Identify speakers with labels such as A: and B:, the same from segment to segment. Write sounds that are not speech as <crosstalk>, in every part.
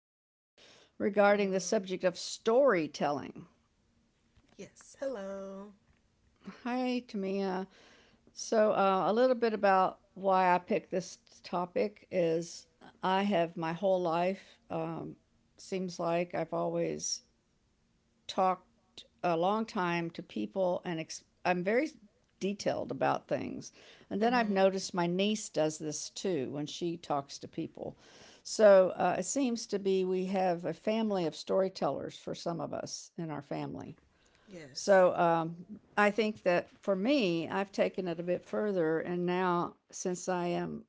A: here regarding the
B: Hello.
A: subject of storytelling.
B: Yes. Hello.
A: Hi, Tamia. So, a little bit about why I picked this topic is I have my whole life, seems like I've always talked a long time to people and I'm very detailed about things. And then I've
B: Mm-hmm.
A: noticed my niece does this too when she talks to people. So, it seems to be we have a family of storytellers for some of us in our family.
B: Yes.
A: So, I think that for me, I've taken it a bit further. And now, since I am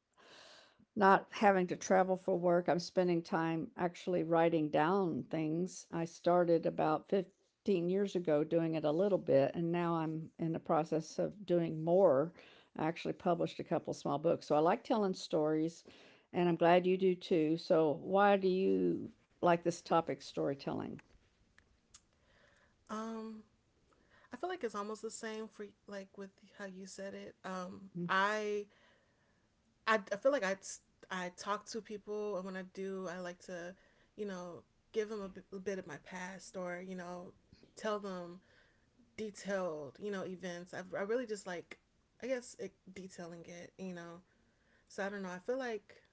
A: not having to travel for work. I'm spending time actually writing down things. I started about 15 years ago doing it a little bit, and now I'm in the process of doing more. I actually published a couple small books. So I like telling stories, and I'm glad you do too. So, why do you like this topic, storytelling?
B: Um, I feel like it's almost the same for like with how you said it.
A: <laughs>
B: I feel like I talk to people, and when I do, I like to, you know, give them a bit of my past, or tell them detailed, events. I really just like, I guess, it, detailing it. So I don't know. I feel like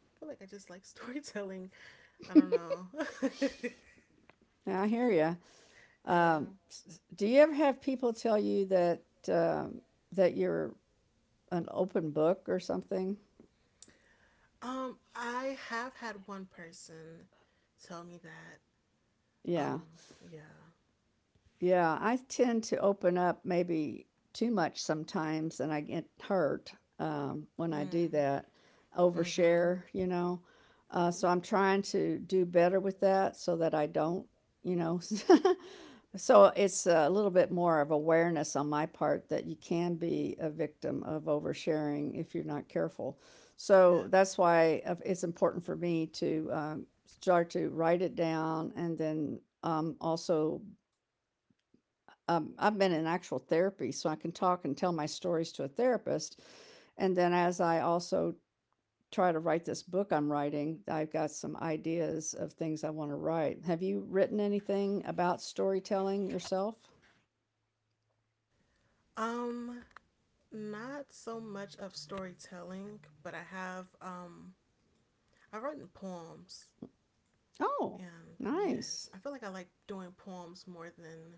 B: I just like <laughs> storytelling. I don't know.
A: Now, I hear you.
B: <laughs>
A: Um,
B: Yeah.
A: do you ever have people tell you that, that you're an open book or something?
B: I have had one person tell me that.
A: Yeah.
B: Um, yeah.
A: Yeah, I tend to open up maybe too much sometimes and I get hurt, when I do
B: Mm.
A: that.
B: Mm-hmm.
A: Overshare, you know? So I'm trying to do better with that so that I don't, you know? <laughs> So it's a little bit more of awareness on my part that you can be a victim of oversharing if you're not careful. So
B: Yep.
A: that's why it's important for me to start to write it down and then also I've been in actual therapy, so I can talk and tell my stories to a therapist. And then as I also try to write this book I'm writing, I've got some ideas of things I want to write. Have you written anything about storytelling yourself?
B: Um, Not so much of storytelling, but I have I've written poems.
A: Oh,
B: And yes,
A: nice.
B: I feel like I like doing poems more than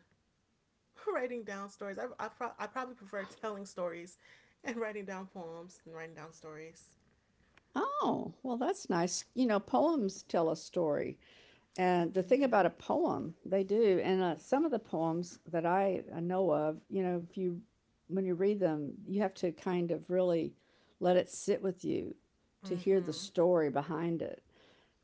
B: <laughs> writing down stories. I probably prefer telling stories and writing down poems than writing down stories.
A: Oh, well, that's nice. You know, poems tell a story.
B: And
A: And the
B: they
A: thing
B: do.
A: about a poem, they do, and some of the poems that I know of, you know, if you when you read them, you have to kind of really let it sit with you to hear the
B: Mm-hmm.
A: story behind it.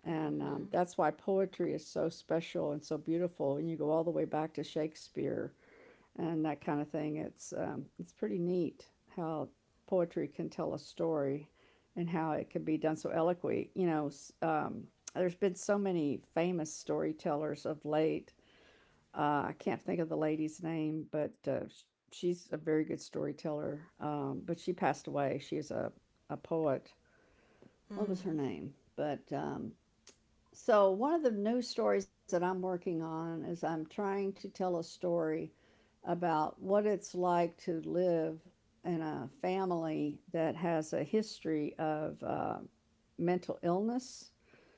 A: And that's
B: Mm-hmm.
A: why poetry is so special and so beautiful. And you go all the way back to Shakespeare and that kind of thing. It's it's pretty neat how poetry can tell a story and how it can be done so eloquently. You know, um, there's been so many famous storytellers of late. I can't think of the lady's name, but she's a very good storyteller. But she passed away. She's a poet. What was her name? But So, one of the news stories that I'm working on is I'm trying to tell a story about what it's like to live in a family that has a history of mental illness.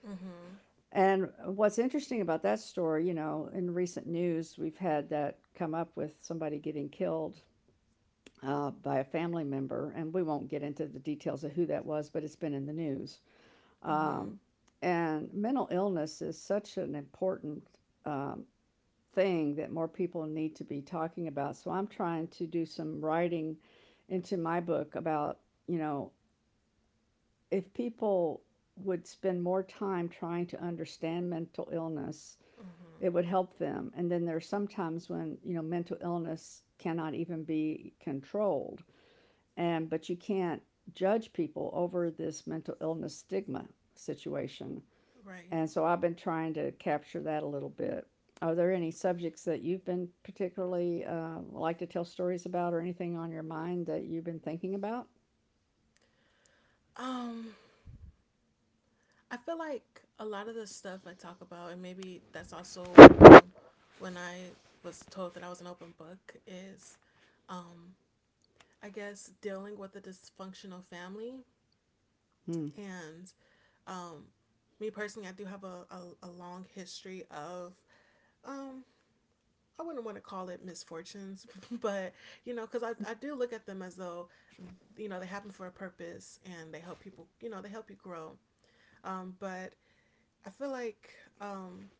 B: Mm-hmm. Mm-hmm.
A: And what's interesting about that story, you know, in recent news, we've had that come up with somebody getting killed by a family member. And we won't get into the details of who that was, but it's been in the news. Um, and mental illness is such an important um, thing that more people need to be talking about. So I'm trying to do some writing into my book about, you know, if people would spend more time trying to understand mental illness, it
B: Mm-hmm.
A: would help them. And then there's sometimes when, you know, mental illness cannot even be controlled. And but you can't judge people over this mental illness stigma situation.
B: Right.
A: And so I've been trying to capture that a little bit. Are there any subjects that you've been particularly like to tell stories about or anything on your mind that you've been thinking about?
B: Um, I feel like a lot of the stuff I talk about, and maybe that's also when I was told that I was an open book, is um, I guess dealing with a dysfunctional family.
A: Hmm.
B: And um, me personally, I do have a long history of, um, I wouldn't want to call it misfortunes, <laughs> but because I do look at them as though, they happen for a purpose and they help people, they help you grow. But I feel like um,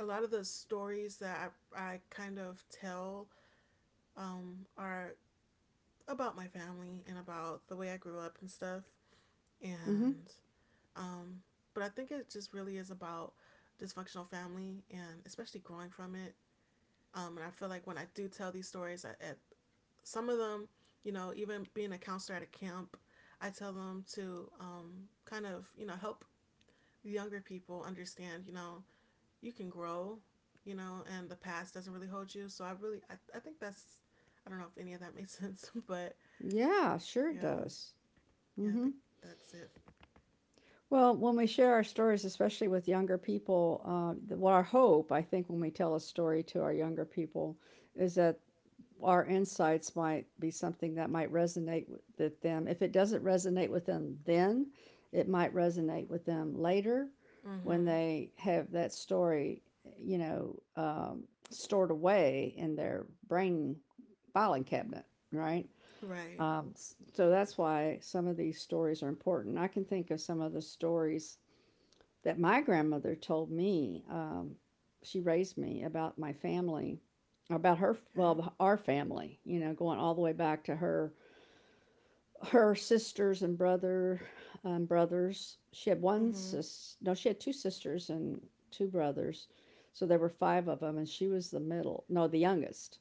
B: a lot of the stories that I kind of tell are about my family and about the way I grew up and stuff.
A: Mm-hmm.
B: And, um, but I think it just really is about dysfunctional family and especially growing from it. And I feel like when I do tell these stories, I, at some of them, even being a counselor at a camp, I tell them to kind of, help younger people understand, you can grow, and the past doesn't really hold you. So I really, I think that's, I don't know if any of that made <laughs> sense, but
A: Yeah, sure it
B: yeah,
A: does.
B: yeah, I
A: Mm-hmm.
B: think that's it.
A: Well, when we share our stories, especially with younger people, well, our hope, I think, when we tell a story to our younger people, is that our insights might be something that might resonate with them. If it doesn't resonate with them then, it might resonate with them later when
B: Mm-hmm.
A: they have that story, you know, um, stored away in their brain filing cabinet, right?
B: Right.
A: Um, so that's why some of these stories are important. I can think of some of the stories that my grandmother told me. She raised me about my family, about her,
B: Okay.
A: well, our family, you know, going all the way back to her sisters and brother, brothers. She had one
B: Mm-hmm.
A: sis. No, she had two sisters and two brothers. So there were five of them, and she was the middle. No, the youngest.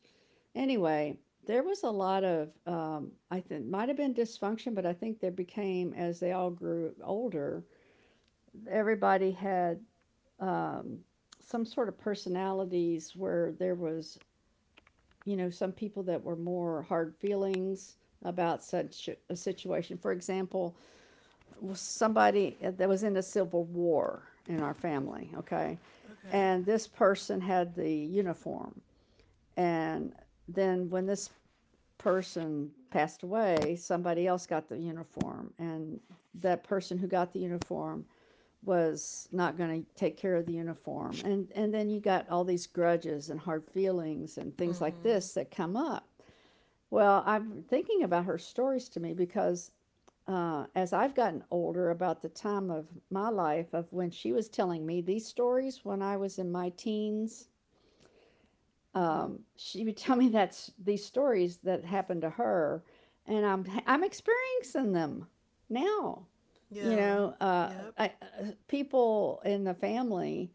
A: Anyway, there was a lot of I think might have been dysfunction, but I think there became as they all grew older. Everybody had um, some sort of personalities where there was you know some people that were more hard feelings about such a situation. For example, was somebody that was in the Civil War in our family, okay?
B: Okay.
A: And this person had the uniform. And then when this person passed away, somebody else got the uniform. And that person who got the uniform was not going to take care of the uniform. And then you got all these grudges and hard feelings and things like
B: Mm-hmm.
A: this that come up. Well, I'm thinking about her stories to me because as I've gotten older, about the time of my life of when she was telling me these stories when I was in my teens,
B: Mm-hmm.
A: um, she would <laughs> tell me that's these stories that happened to her, and I'm experiencing them now. You
B: Yeah.
A: know, uh,
B: Yep.
A: I, people in the family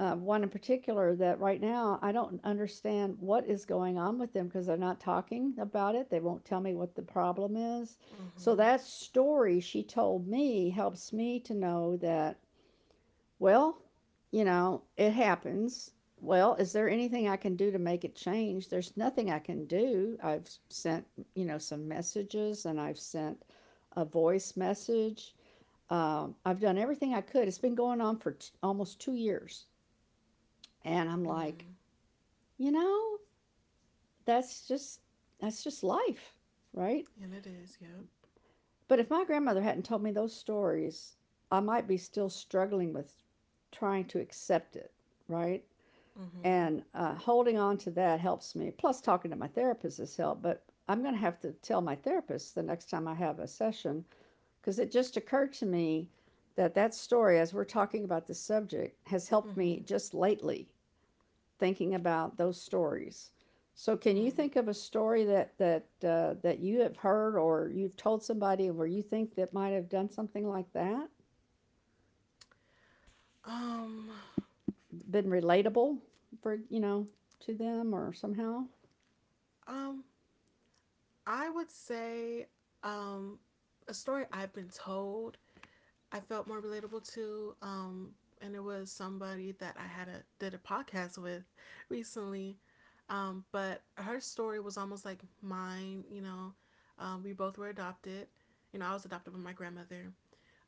A: one in particular that right now I don't understand what is going on with them because they're not talking about it. They won't tell me what the problem is. So
B: Mm-hmm.
A: that story she told me helps me to know that, well, you know, it happens. Well, is there anything I can do to make it change? There's nothing I can do. I've sent, you know, some messages and I've sent a voice message. I've done everything I could. It's been going on for almost 2 years and I'm like,
B: Mm.
A: you know, that's just that's just life, right?
B: And it is. Yep.
A: But if my grandmother hadn't told me those stories, I might be still struggling with trying to accept it, right?
B: Mm-hmm.
A: And Holding on to that helps me. Plus, talking to my therapist has helped. But I'm going to have to tell my therapist the next time I have a session because it just occurred to me that that story, as we're talking about this subject, has helped me
B: Mm-hmm.
A: just lately thinking about those stories. So, can you
B: Mm.
A: think of a story that that you have heard or you've told somebody where you think that might have done something like that,
B: Um,
A: been relatable for you know to them or somehow?
B: um, I would say, um, a story I've been told I felt more relatable to. And it was somebody that I had a did a podcast with recently. But her story was almost like mine. We both were adopted. I was adopted by my grandmother.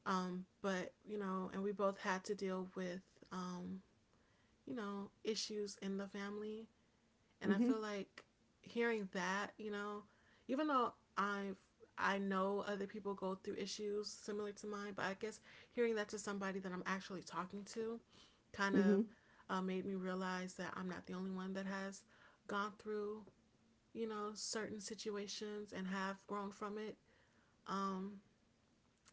B: But and we both had to deal with um, issues in the family. And I
A: Mm-hmm.
B: feel like hearing that, even though I know other people go through issues similar to mine, but I guess hearing that to somebody that I'm actually talking to kind
A: Mm-hmm.
B: of made me realize that I'm not the only one that has gone through, certain situations and have grown from it. Um,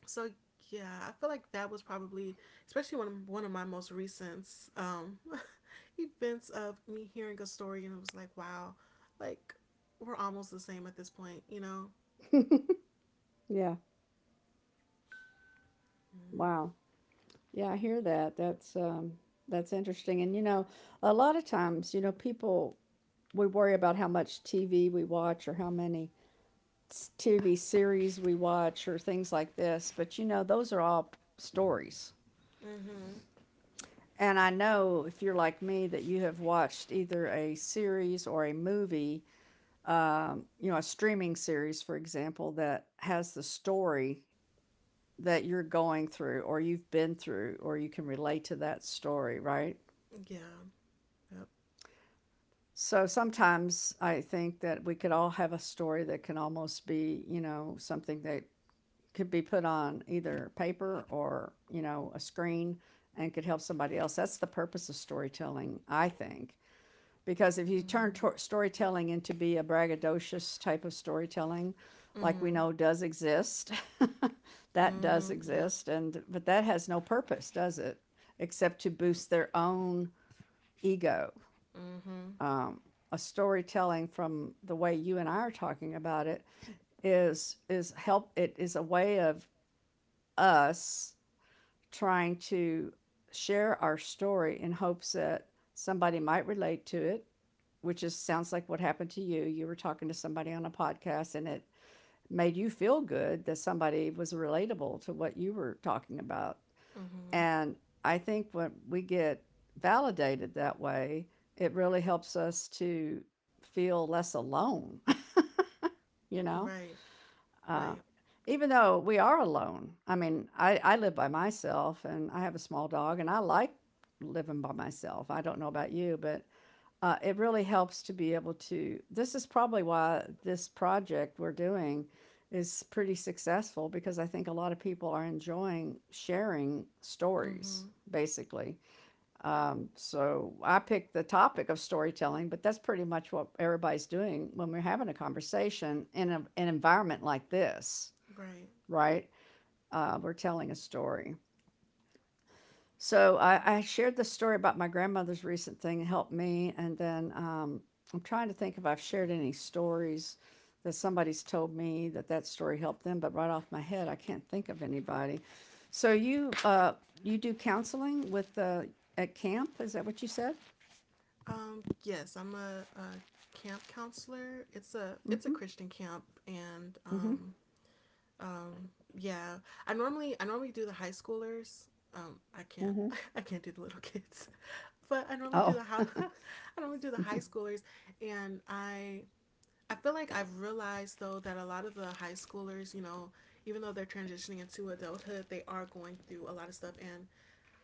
B: so yeah, I feel like that was probably especially one of my most recent um <laughs> events of me hearing a story and it was like wow, like we're almost the same at this point.
A: <laughs> yeah. Wow. Yeah, I hear that. That's that's interesting. And you know, a lot of times, you know, people we worry about how much TV we watch or how many TV series we watch or things like this, but you know, those are all stories.
B: Mhm.
A: And I know if you're like me that you have watched either a series or a movie, you know, a streaming series, for example, that has the story that you're going through or you've been through or you can relate to that story, right?
B: Yeah. Yep.
A: So sometimes I think that we could all have a story that can almost be, you know, something that could be put on either paper or you know a screen and could help somebody else that's the purpose of storytelling I think because if you turn storytelling into be a braggadocious type of storytelling like we
B: Mhm.
A: know does exist <laughs>
B: Mhm.
A: that
B: Yep.
A: does exist and but that has no purpose does it except to
B: Nope.
A: boost their own ego
B: Mhm.
A: um, a storytelling from the way you and I are talking about it is help it is a way of us trying to share our story in hopes that somebody might relate to it, which is sounds like what happened to you. You were talking to somebody on a podcast and it made you feel good that somebody was relatable to what you were talking about.
B: Mhm.
A: And I think when we get validated that way, it really helps us to feel less alone, <laughs> you
B: Right.
A: know?
B: Right.
A: Uh, Even though we are alone, I mean, I
B: Mhm.
A: live by myself and I have a small dog and I like living by myself. I don't know about you, but it really helps to be able to. This is probably why this project we're doing is pretty successful because I think a lot of people are enjoying sharing stories,
B: Mhm.
A: basically. So I picked the topic of storytelling, but that's pretty much what everybody's doing when we're having a conversation in an environment like this.
B: Right.
A: Right? We're telling a story. So I,
B: Uh,
A: I shared the story about my grandmother's recent thing helped me, and then, I'm trying to think if I've shared any stories that somebody's told me that story helped them, but right off my head, I can't think of anybody. So you you do counseling with at camp? Is that what you said?
B: Yes, I'm a camp counselor. It's a
A: Mm-hmm.
B: Christian camp, and
A: Mm-hmm.
B: yeah, I normally do the high schoolers. I can't
A: Mhm.
B: <laughs> I can't do the little kids, <laughs> but I normally do
A: Oh.
B: the high. <laughs> I normally do the high schoolers, and I feel like I've realized though that a lot of the high schoolers, even though they're transitioning into adulthood, they are going through a lot of stuff. And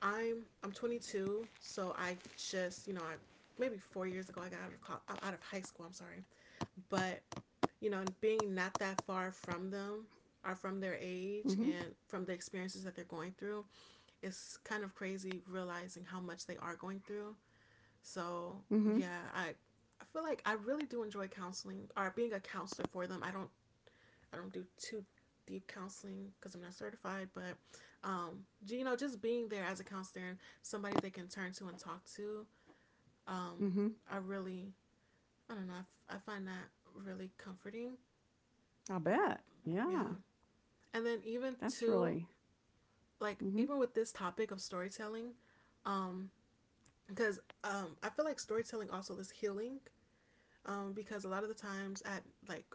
B: I'm 22, so I just I maybe 4 years ago I got out of high school. I'm sorry, but being not that far from them or from their
A: Mm-hmm.
B: age and from the experiences that they're going through, it's kind of crazy realizing how much they are going through. So,
A: Mm-hmm.
B: yeah, I feel like I really do enjoy counseling or being a counselor for them. I don't do too deep counseling because I'm not certified, but just being there as a counselor and somebody they can turn to and talk to, um,
A: Mm-hmm.
B: I really, I don't know, I find that really comforting.
A: I bet. Yeah.
B: Yeah. And then even
A: That's really.
B: to like
A: Mm-hmm.
B: even with this topic of storytelling, um, because I feel like storytelling also is healing. Because a lot of the times at like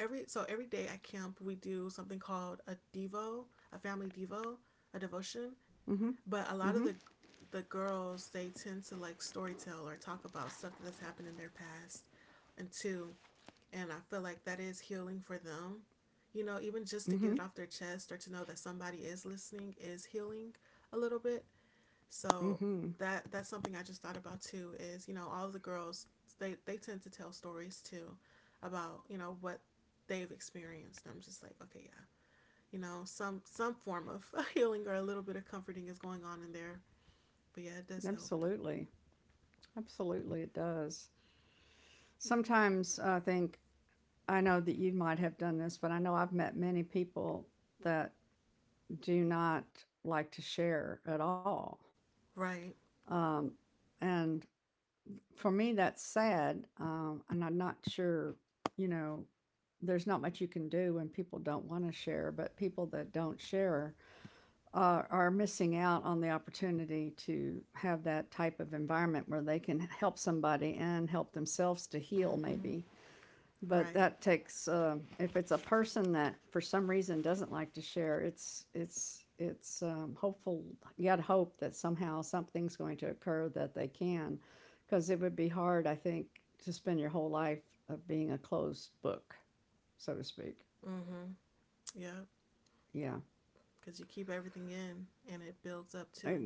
B: every day at camp we do something called a devo, a family devo, a devotion.
A: Mm-hmm.
B: But a
A: Mm-hmm.
B: lot of the girls they tend to like storytell or talk about stuff that's happened in their past and to and I feel like that is healing for them. You know, even just to
A: Mm-hmm.
B: get it off their chest or to know that somebody is listening is healing a little bit. So
A: Mm-hmm.
B: that's something I just thought about too is, all the girls they tend to tell stories too about, what they've experienced. I'm just like, okay, yeah. You know, some form of <laughs> healing or a little bit of comforting is going on in there. But yeah, it does help.
A: Absolutely. Absolutely, it does. Sometimes I think, I know that you might have done this, but I know I've met many people that do not like to share at all.
B: Right.
A: Um, and for me, that's sad. And I'm not sure, you know, there's not much you can do when people don't want to share, but people that don't share are missing out on the opportunity to have that type of environment where they can help somebody and help themselves to heal maybe,
B: Mm-hmm.
A: but that
B: Right.
A: takes if it's a person that for some reason doesn't like to share it's hopeful, yet hope that somehow something's going to occur that they can, because it would be hard, I think, to spend your whole life of being a closed book, so to speak.
B: Mm-hmm. Yeah.
A: Yeah.
B: Because you keep everything in and it builds up
A: And
B: too.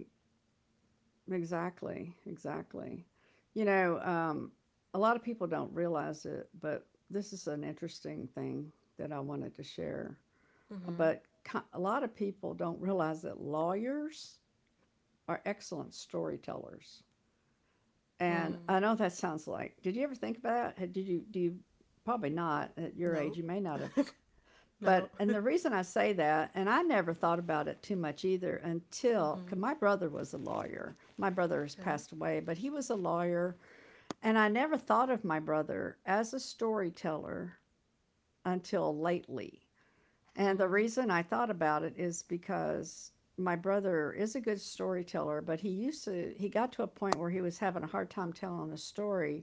A: exactly, exactly. You know, a lot of people don't realize it, but this is an interesting thing that I wanted to share.
B: Mm-hmm.
A: But ki a lot of people don't realize that lawyers are excellent storytellers. And I
B: Mm.
A: know that sounds like, did you ever think about it? Did you, do you, probably not at your age, you
B: Nope.
A: may not have,
B: <laughs>
A: but
B: Nope.
A: and the
B: <laughs>
A: reason I say that, and I never thought about it too much either until, cause
B: Mm-hmm.
A: my brother was a lawyer. My brother has passed
B: Okay.
A: away, but he was a lawyer, and I never thought of my brother as a storyteller until lately. And the
B: Mm.
A: reason I thought about it is because my brother is a good storyteller, but he got to a point where he was having a hard time telling a story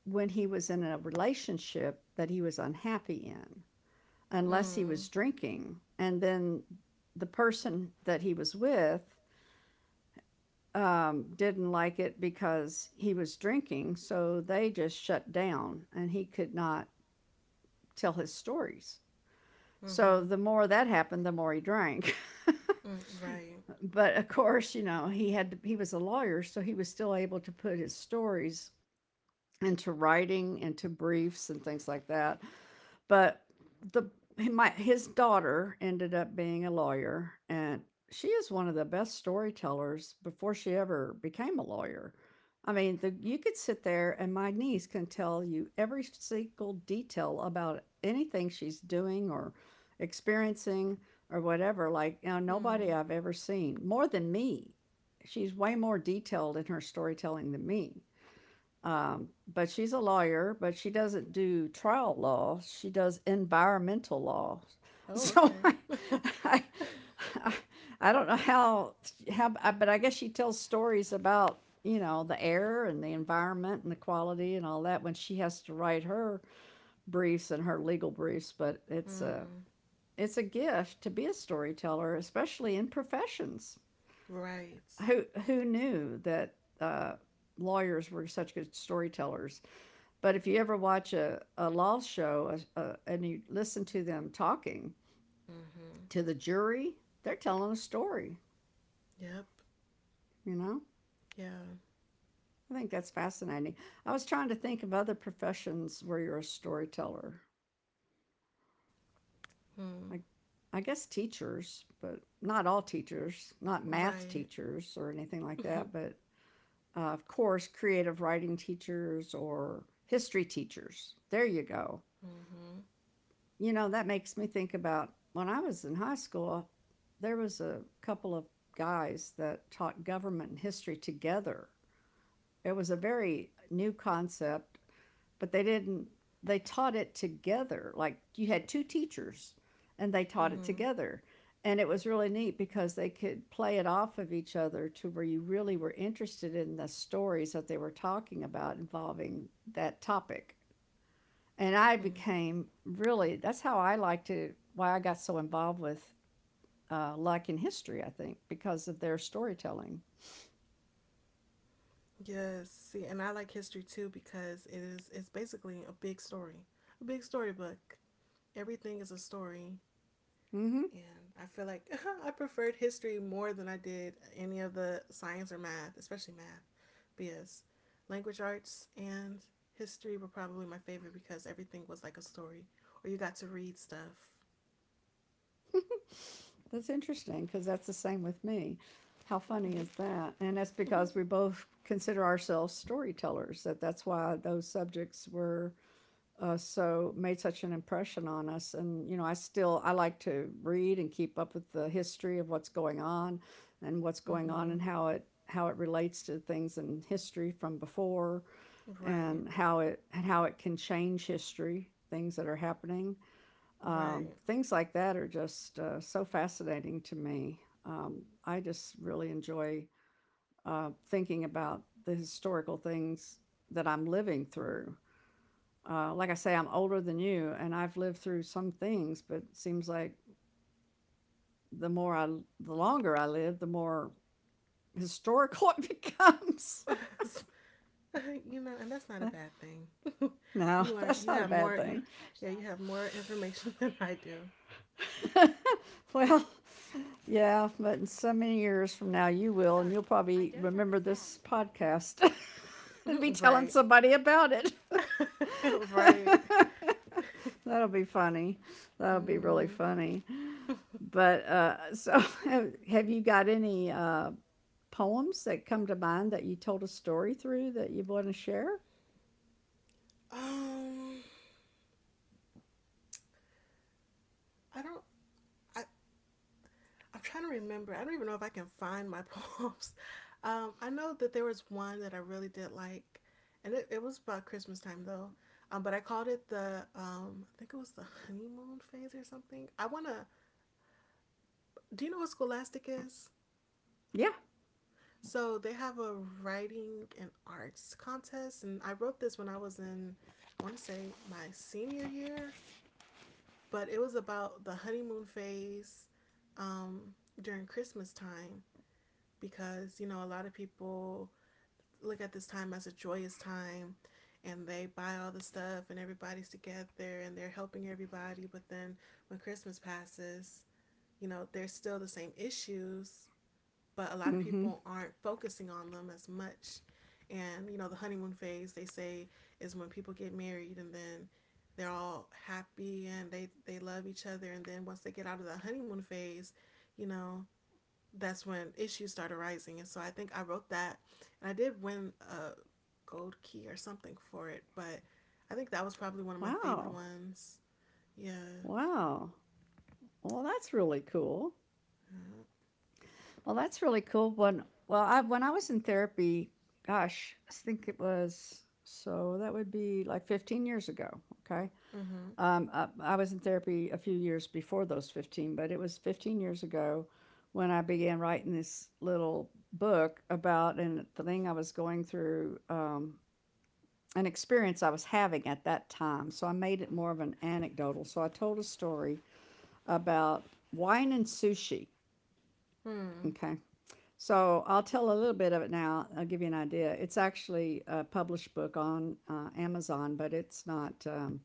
A: when he was in a relationship that he was unhappy in, unless he was
B: Mm.
A: drinking. And then the person that he was with didn't like it because he was drinking. So they just shut down and he could not tell his stories. So
B: Mm-hmm.
A: the more that happened, the more he drank. <laughs>
B: Mm. Right.
A: But of course, you know, he was a lawyer, so he was still able to put his stories into writing, into briefs and things like that. But the my, his daughter ended up being a lawyer, and she is one of the best storytellers before she ever became a lawyer. I mean, you could sit there and my niece can tell you every single detail about anything she's doing or experiencing or whatever. Like, you know, nobody
B: Mm.
A: I've ever seen more than me. She's way more detailed in her storytelling than me. But she's a lawyer, but she doesn't do trial law. She does environmental law. <laughs>
B: Oh,
A: So
B: okay. <laughs>
A: I, I, I don't know how, but I guess she tells stories about, you know, the air and the environment and the quality and all that when she has to write her briefs and her legal briefs. But
B: Mm.
A: it's a gift to be a storyteller, especially in professions.
B: Right.
A: Who knew that uh, lawyers were such good storytellers? But if you ever watch a law show, and you listen to them talking
B: Mm-hmm.
A: to the jury, they're telling a story,
B: Yep.
A: you know?
B: Yeah.
A: I think that's fascinating. I was trying to think of other professions where you're a storyteller.
B: Mm.
A: I, I guess teachers, but not all teachers, not math
B: Right.
A: teachers or anything
B: <laughs>
A: like
B: Mm-hmm.
A: that, but of course, creative writing teachers or history teachers. There you go. You know, that makes me think about when I was in high school, there was a couple of guys that taught government and history together. It was a very new concept, but they didn't, they taught it together. Like you had two teachers and they taught it
B: Mm-hmm.
A: together. And it was really neat because they could play it off of each other to where you really were interested in the stories that they were talking about involving that topic. And I
B: Mm.
A: became really, that's how I like to, why I got so involved with luck in history, I think, because of their storytelling.
B: Yes. See, and I like history too because it's basically a big story, a big storybook. Everything is a story.
A: Hmm.
B: And I feel like <laughs> I preferred history more than I did any of the science or math, especially math, because language arts and history were probably my favorite because everything was like a story or you got to read stuff.
A: That's interesting because that's the same with me. How funny
B: Mm-hmm.
A: is that? And that's
B: Mm-hmm.
A: because we both consider ourselves storytellers. That that's why those subjects were so, made such an impression on us. And you know, I still, I like to read and keep up with the history of what's going on and what's going on
B: Mm-hmm.
A: and how it relates to things in history from before,
B: Right,
A: and how it can change history, things that are happening,
B: right.
A: things like that are just so fascinating to me. Um, I just really enjoy thinking about the historical things that I'm living through. Uh, like I say, I'm older than you, and I've lived through some things, but it seems like the more I, the longer I live, the more historical it becomes.
B: <laughs> You know, and that's not a bad
A: <laughs>
B: thing. <laughs>
A: No,
B: You learn,
A: that's
B: you
A: not a
B: have
A: bad
B: more,
A: thing.
B: yeah, you have more information <laughs> than I do.
A: <laughs> Well, yeah, but in so many years from now, you will, and you'll probably remember this podcast <laughs> and be
B: <laughs>
A: telling
B: Right,
A: somebody about it.
B: <laughs> right. <laughs>
A: <laughs> That'll be funny. That'll be really
B: Mm-hmm.
A: funny. But so, <laughs> have you got any poems that come to mind that you told a story through that you want to share?
B: Um, I don't. I I'm trying to remember. I don't even know if I can find my <laughs> poems. I know that there was one that I really did like, and it was about Christmas time though. But I called it the I think it was the honeymoon phase or something. I wanna. Do you know what Scholastic is?
A: Yeah.
B: So they have a writing and arts contest, and I wrote this when I was in, I want to say my senior year, but it was about the honeymoon phase um, during Christmas time because, a lot of people look at this time as a joyous time and they buy all the stuff and everybody's together and they're helping everybody. But then when Christmas passes, there's still the same issues, but a lot of
A: Mm-hmm.
B: people aren't focusing on them as much. And, the honeymoon phase, they say, is when people get married and then they're all happy and they love each other. And then once they get out of the honeymoon phase, you know, that's when issues started rising. And so I think I wrote that and I did win a gold key or something for it. But I think that was probably one of my
A: Wow.
B: favorite ones. Yeah.
A: Wow. Well, that's really cool. Well, that's really cool. I, when I was in therapy, gosh, I think it was, so that would be like 15 years ago. Okay,
B: Mm-hmm.
A: I was in therapy a few years before those 15, but it was 15 years ago when I began writing this little book about and the thing I was going through. An experience I was having at that time. So I made it more of an anecdotal. So I told a story about wine and sushi.
B: Hmm.
A: Okay. So I'll tell a little bit of it now. I'll give you an idea. It's actually a published book on Amazon, but it's not.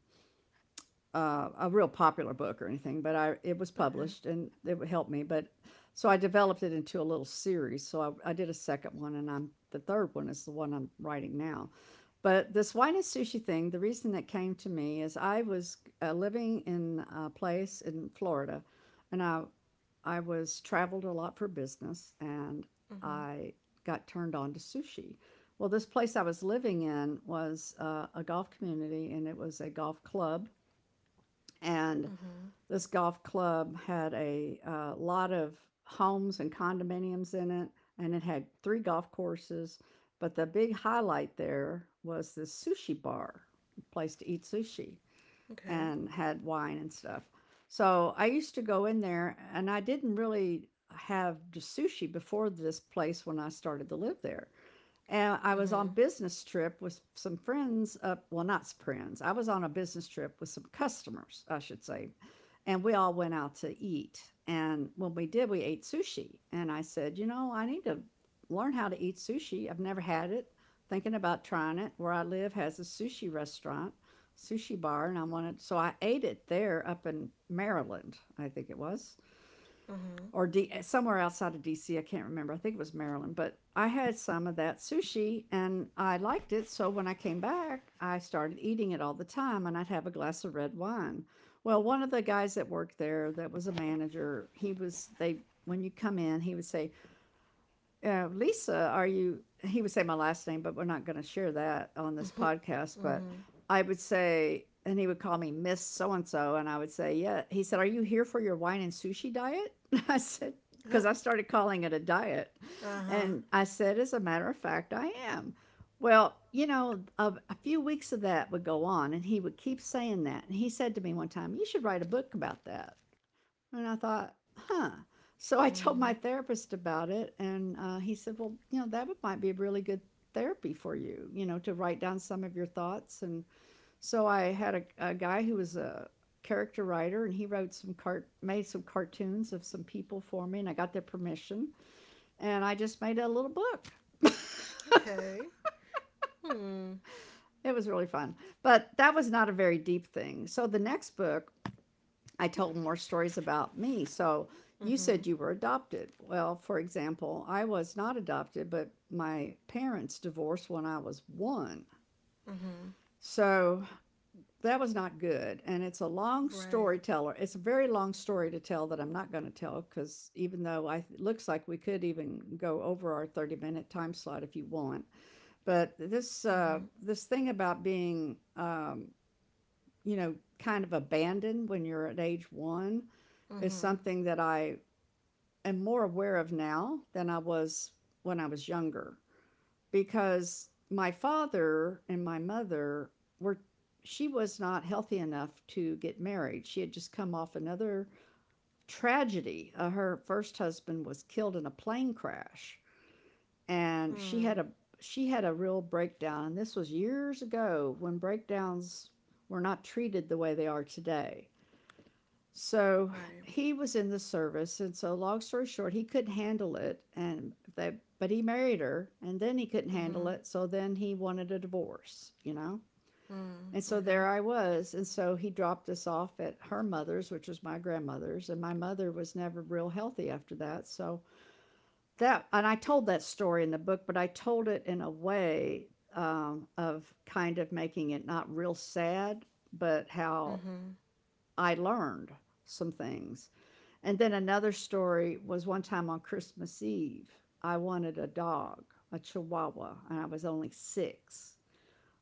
A: A real popular book or anything, but I, it was
B: Okay.
A: published and it helped me. But so I developed it into a little series. So I did a second one, and I'm the third one is the one I'm writing now. But this wine and sushi thing, the reason that came to me is I was living in a place in Florida, and I was, traveled a lot for business, and
B: Mm-hmm.
A: I got turned on to sushi. Well, this place I was living in was a golf community, and it was a golf club, and
B: Mm-hmm.
A: this golf club had a lot of homes and condominiums in it, and it had 3 golf courses. But the big highlight there was this sushi bar, a place to eat sushi,
B: Okay.
A: and had wine and stuff. So I used to go in there, and I didn't really have just sushi before this place when I started to live there. And I was
B: Mm-hmm.
A: on business trip with some friends up, well, not friends. I was on a business trip with some customers, I should say. And we all went out to eat. And when we did, we ate sushi. And I said, you know, I need to learn how to eat sushi. I've never had it. Thinking about trying it. Where I live has a sushi restaurant, sushi bar, and I wanted, so I ate it there up in Maryland, I think it was,
B: Mm-hmm.
A: or somewhere outside of DC. I can't remember. I think it was Maryland, but I had some of that sushi and I liked it. So when I came back, I started eating it all the time and I'd have a glass of red wine. Well, one of the guys that worked there that was a manager, when you come in, he would say, Lisa, are you? He would say my last name, but we're not going to share that on this
B: <laughs>
A: podcast. But I would say, and he would call me Miss So and so. And I would say, yeah. He said, are you here for your wine and sushi diet? <laughs> I said, because
B: Mm-hmm.
A: I started calling it a diet.
B: Uh-huh.
A: And I said, as a matter of fact, I am. Well, you know, a few weeks of that would go on, and he would keep saying that. And he said to me one time, you should write a book about that. And I thought, huh. So I told my
B: Mm-hmm.
A: therapist about it, and he said, well, you know, might be a really good therapy for you, you know, to write down some of your thoughts. And so I had a guy who was a character writer, and he wrote made some cartoons of some people for me, and I got their permission, and I just made a little book. <laughs>
B: Okay. Hmm.
A: It was really fun. But that was not a very deep thing. So the next book I told more stories about me. So you
B: Mm-hmm.
A: said you were adopted. Well, for example, I was not adopted, but my parents divorced when I was one.
B: Mm-hmm.
A: So that was not good. And it's a long
B: Right.
A: storyteller. It's a very long story to tell that I'm not going to tell because even though I it looks like we could even go over our 30-minute minute time slot if you want, but
B: Mm-hmm.
A: this thing about being you know, kind of abandoned when you're at age one is
B: Mm-hmm.
A: something that I am more aware of now than I was when I was younger, because my father and my mother were, she was not healthy enough to get married. She had just come off another tragedy. Her first husband was killed in a plane crash, and she had
B: Hmm.
A: a, she had a real breakdown. And this was years ago when breakdowns were not treated the way they are today. So
B: Right.
A: he was in the service, and so long story short, he couldn't handle it, and they, but he married her, and then he couldn't handle
B: Mm-hmm.
A: it, so then he wanted a divorce, you know.
B: Hmm.
A: And so
B: Okay.
A: there I was, and so he dropped us off at her mother's, which was my grandmother's, and my mother was never real healthy after that. So that, and I told that story in the book, but I told it in a way, of kind of making it not real sad, but how
B: Mm-hmm.
A: I learned some things. And then another story was one time on Christmas Eve, I wanted a dog, a chihuahua, and I was only six.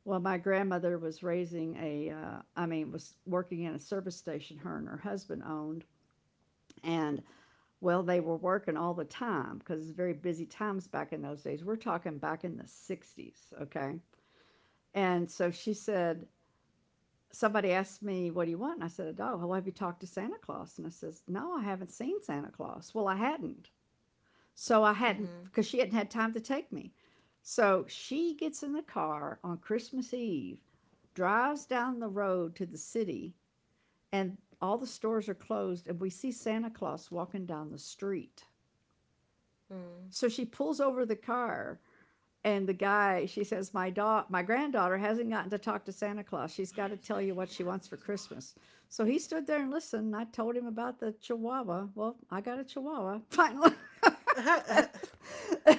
A: Well, my grandmother was raising a, I mean, was working in a service station her and her husband owned. And well, they were working all the time because it's very busy times back in those days. We're talking back in the 60s, okay? And so she said, somebody asked me, what do you want? And I said, a dog. Well, have you talked to Santa Claus? And I says, no, I haven't seen Santa Claus. Well, I hadn't. So I hadn't,
B: Mm-hmm.
A: because she hadn't had time to take me. So she gets in the car on Christmas Eve, drives down the road to the city, and all the stores are closed. And we see Santa Claus walking down the street.
B: Mm.
A: So she pulls over the car, and the guy, she says, my granddaughter hasn't gotten to talk to Santa Claus. She's got to tell you what she wants for Christmas. So he stood there and listened, and I told him about the chihuahua. Well, I got a chihuahua finally. <laughs> But, <laughs>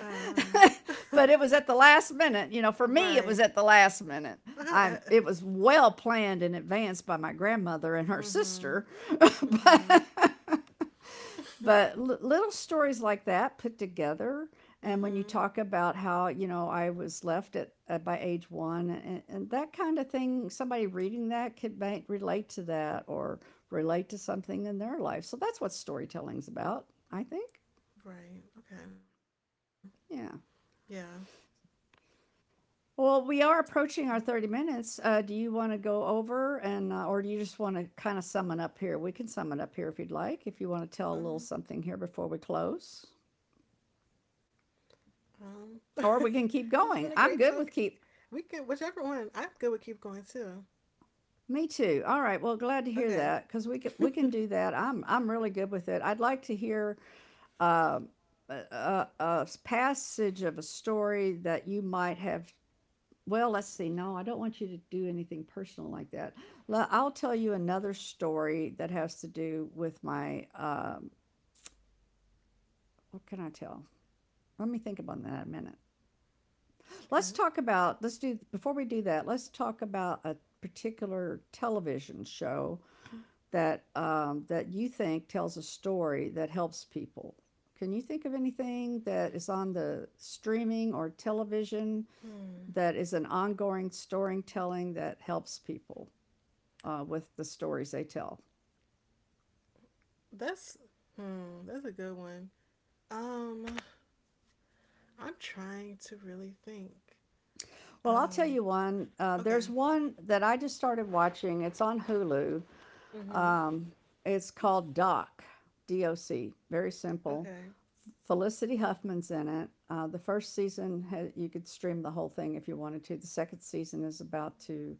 A: but it was at the last minute, you know, for me it was
B: Right.
A: at the last minute. I It
B: <laughs>
A: was well planned in advance by my grandmother and her
B: Mm-hmm.
A: sister. <laughs> but
B: Mm-hmm.
A: but little stories like that put together, and when you
B: Mm-hmm.
A: talk about how, you know, I was left at by age one, and that kind of thing, somebody reading that could relate to that or relate to something in their life. So that's what storytelling's about, I think.
B: Right. Okay. Yeah.
A: Yeah. Well, we are
B: Yeah.
A: approaching our 30 minutes. Do you want to go over and or do you just want to kind of sum it up here? We can sum it up here if you'd like, if you want to tell a little
B: Um.
A: something here before we close,
B: <laughs> This
A: or
B: has
A: we
B: been a
A: can keep
B: great talk.
A: going. I'm good with
B: We
A: keep.
B: can whichever one. I'm good with keep going too.
A: Me too. All right. Well, glad to
B: Okay.
A: hear that, because we
B: <laughs>
A: can, we
B: Okay.
A: can do that. I'm really good with it. I'd like to hear uh, a passage of a story that you might have. Well, let's see. No, I don't want you to do anything personal like that. I'll tell you another story that has to do with my. What can I tell? Let me think about that a minute. Let's talk about. Let's do, before we do that, let's talk about a particular television show that you think tells a story that helps people. Can you think of anything that is on the streaming or television
B: Hmm.
A: that is an ongoing storytelling that helps people with the stories they tell?
B: That's hmm. That's a good one. Um. I'm trying to really think.
A: Well, I'll tell
B: Um.
A: you one.
B: Okay.
A: There's one that I just started watching. It's on Hulu.
B: Mm-hmm.
A: Um, it's called Doc, D O C. Very simple.
B: Okay.
A: Felicity Huffman's in it. The first season, you could stream the whole thing if you wanted to. The second season is about to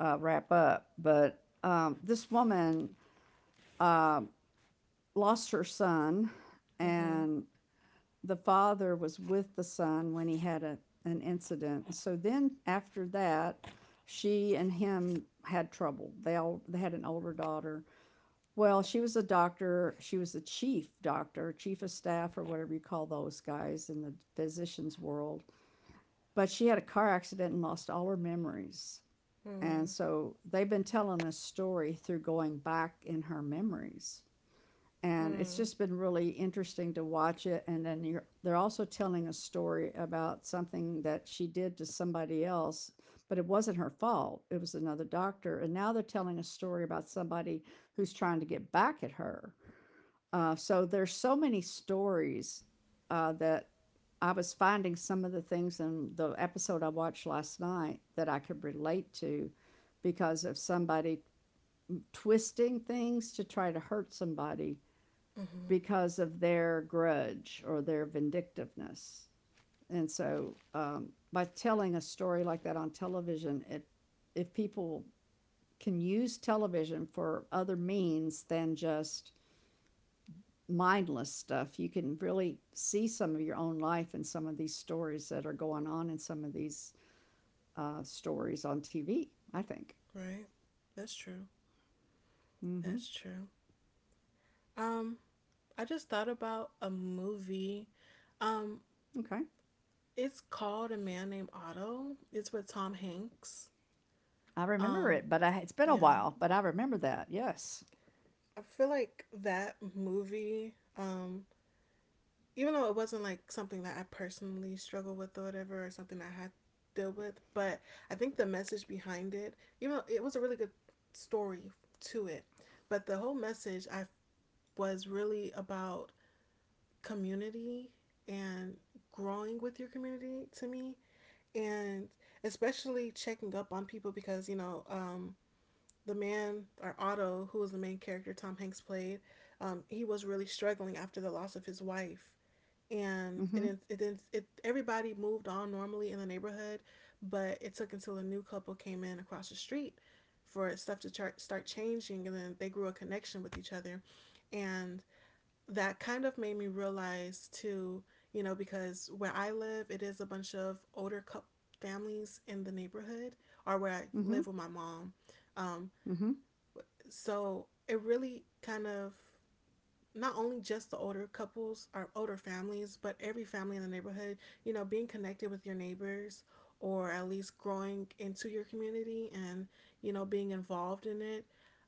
A: wrap up. But this woman uh, lost her son,
B: Mm-hmm.
A: and the father was with the son when he had an incident. So then, after that, she and him had trouble. They had an older daughter, well, she was a doctor. She was the chief doctor, chief of staff, or whatever you call those guys in the physician's world. But she had a car accident and lost all her memories. And
B: Mm.
A: so they've been telling a story through going back in her memories, and it's
B: Mm.
A: just been really interesting to watch it. And then they're also telling a story about something that she did to somebody else, but it wasn't her fault. It was another doctor. And now they're telling a story about somebody who's trying to get back at her. So there's so many stories that I was finding some of the things in the episode I watched last night that I could relate to because of somebody twisting things to try to hurt somebody
B: Mm-hmm.
A: because of their grudge or their vindictiveness. And so, by telling a story like that on television, if people can use television for other means than just mindless stuff, you can really see some of your own life in some of these stories that are going on in some of these stories on TV, I think.
B: Right. That's true.
A: Mm-hmm.
B: That's true. Um, I just thought about a movie. Um,
A: Okay,
B: it's called A Man Named Otto. It's with Tom Hanks.
A: I remember it,
B: Um,
A: but I, it's been a while.
B: yeah.
A: But I remember that. Yes.
B: I feel like that movie, even though it wasn't like something that I personally struggled with or whatever, or something I had to deal with, but I think the message behind it, even though it was a really good story to it, but the whole message I was really about community and growing with your community to me and especially checking up on people because the man or Otto, who was the main character Tom Hanks played, he was really struggling after the loss of his wife. And
A: Mm-hmm.
B: it did it did it everybody moved on normally in the neighborhood, but it took until a new couple came in across the street for stuff to start changing, and then they grew a connection with each other. And that kind of made me realize too, you know, because where I live, it is a bunch of older couple families in the neighborhood, or where I
A: Mm-hmm.
B: live with my mom. Um,
A: Mm-hmm.
B: so it really kind of, not only just the older couples or older families, but every family in the neighborhood, you know, being connected with your neighbors or at least growing into your community and, you know, being involved in it,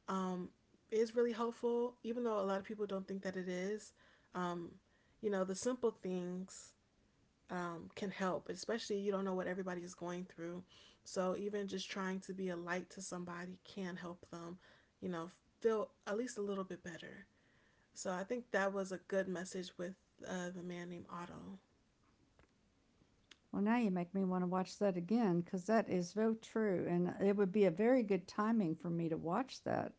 B: um, is really helpful, even though a lot of people don't think that it is. You know, the simple things can help, especially you don't know what everybody is going through. So even just trying to be a light to somebody can help them, you know, feel at least a little bit better. So I think that was a good message with The Man Named Otto.
A: Well, now you make me want to watch that again because that is so true. And it would be a very good timing for me to watch that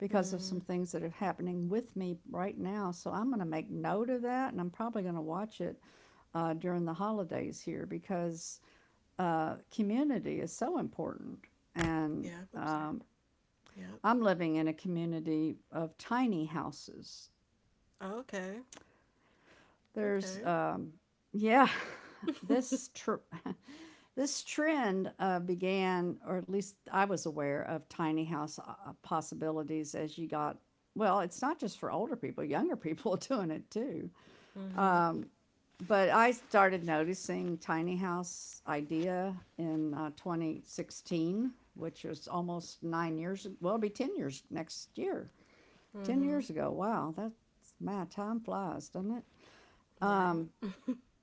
A: because of
B: Mm.
A: some things that are happening with me right now. So I'm going to make note of that, and I'm probably going to watch it during the holidays here because community is so important. And
B: Yeah. Oops. Sorry.
A: um,
B: Yep.
A: I'm living in a community of tiny houses.
B: Oh, okay.
A: There's
B: Okay.
A: Yeah, <laughs> this
B: <laughs>
A: trip, <laughs> this trend began, or at least I was aware of tiny house possibilities as you got. Well, it's not just for older people; younger <laughs> people are doing it too.
B: Mhm.
A: Um, but I started noticing tiny house idea in 2016, which was almost 9 years. Well, it'll be 10 years next year. Ten
B: Mhm.
A: years ago. Wow, that's my time flies, doesn't it? Um,
B: Right.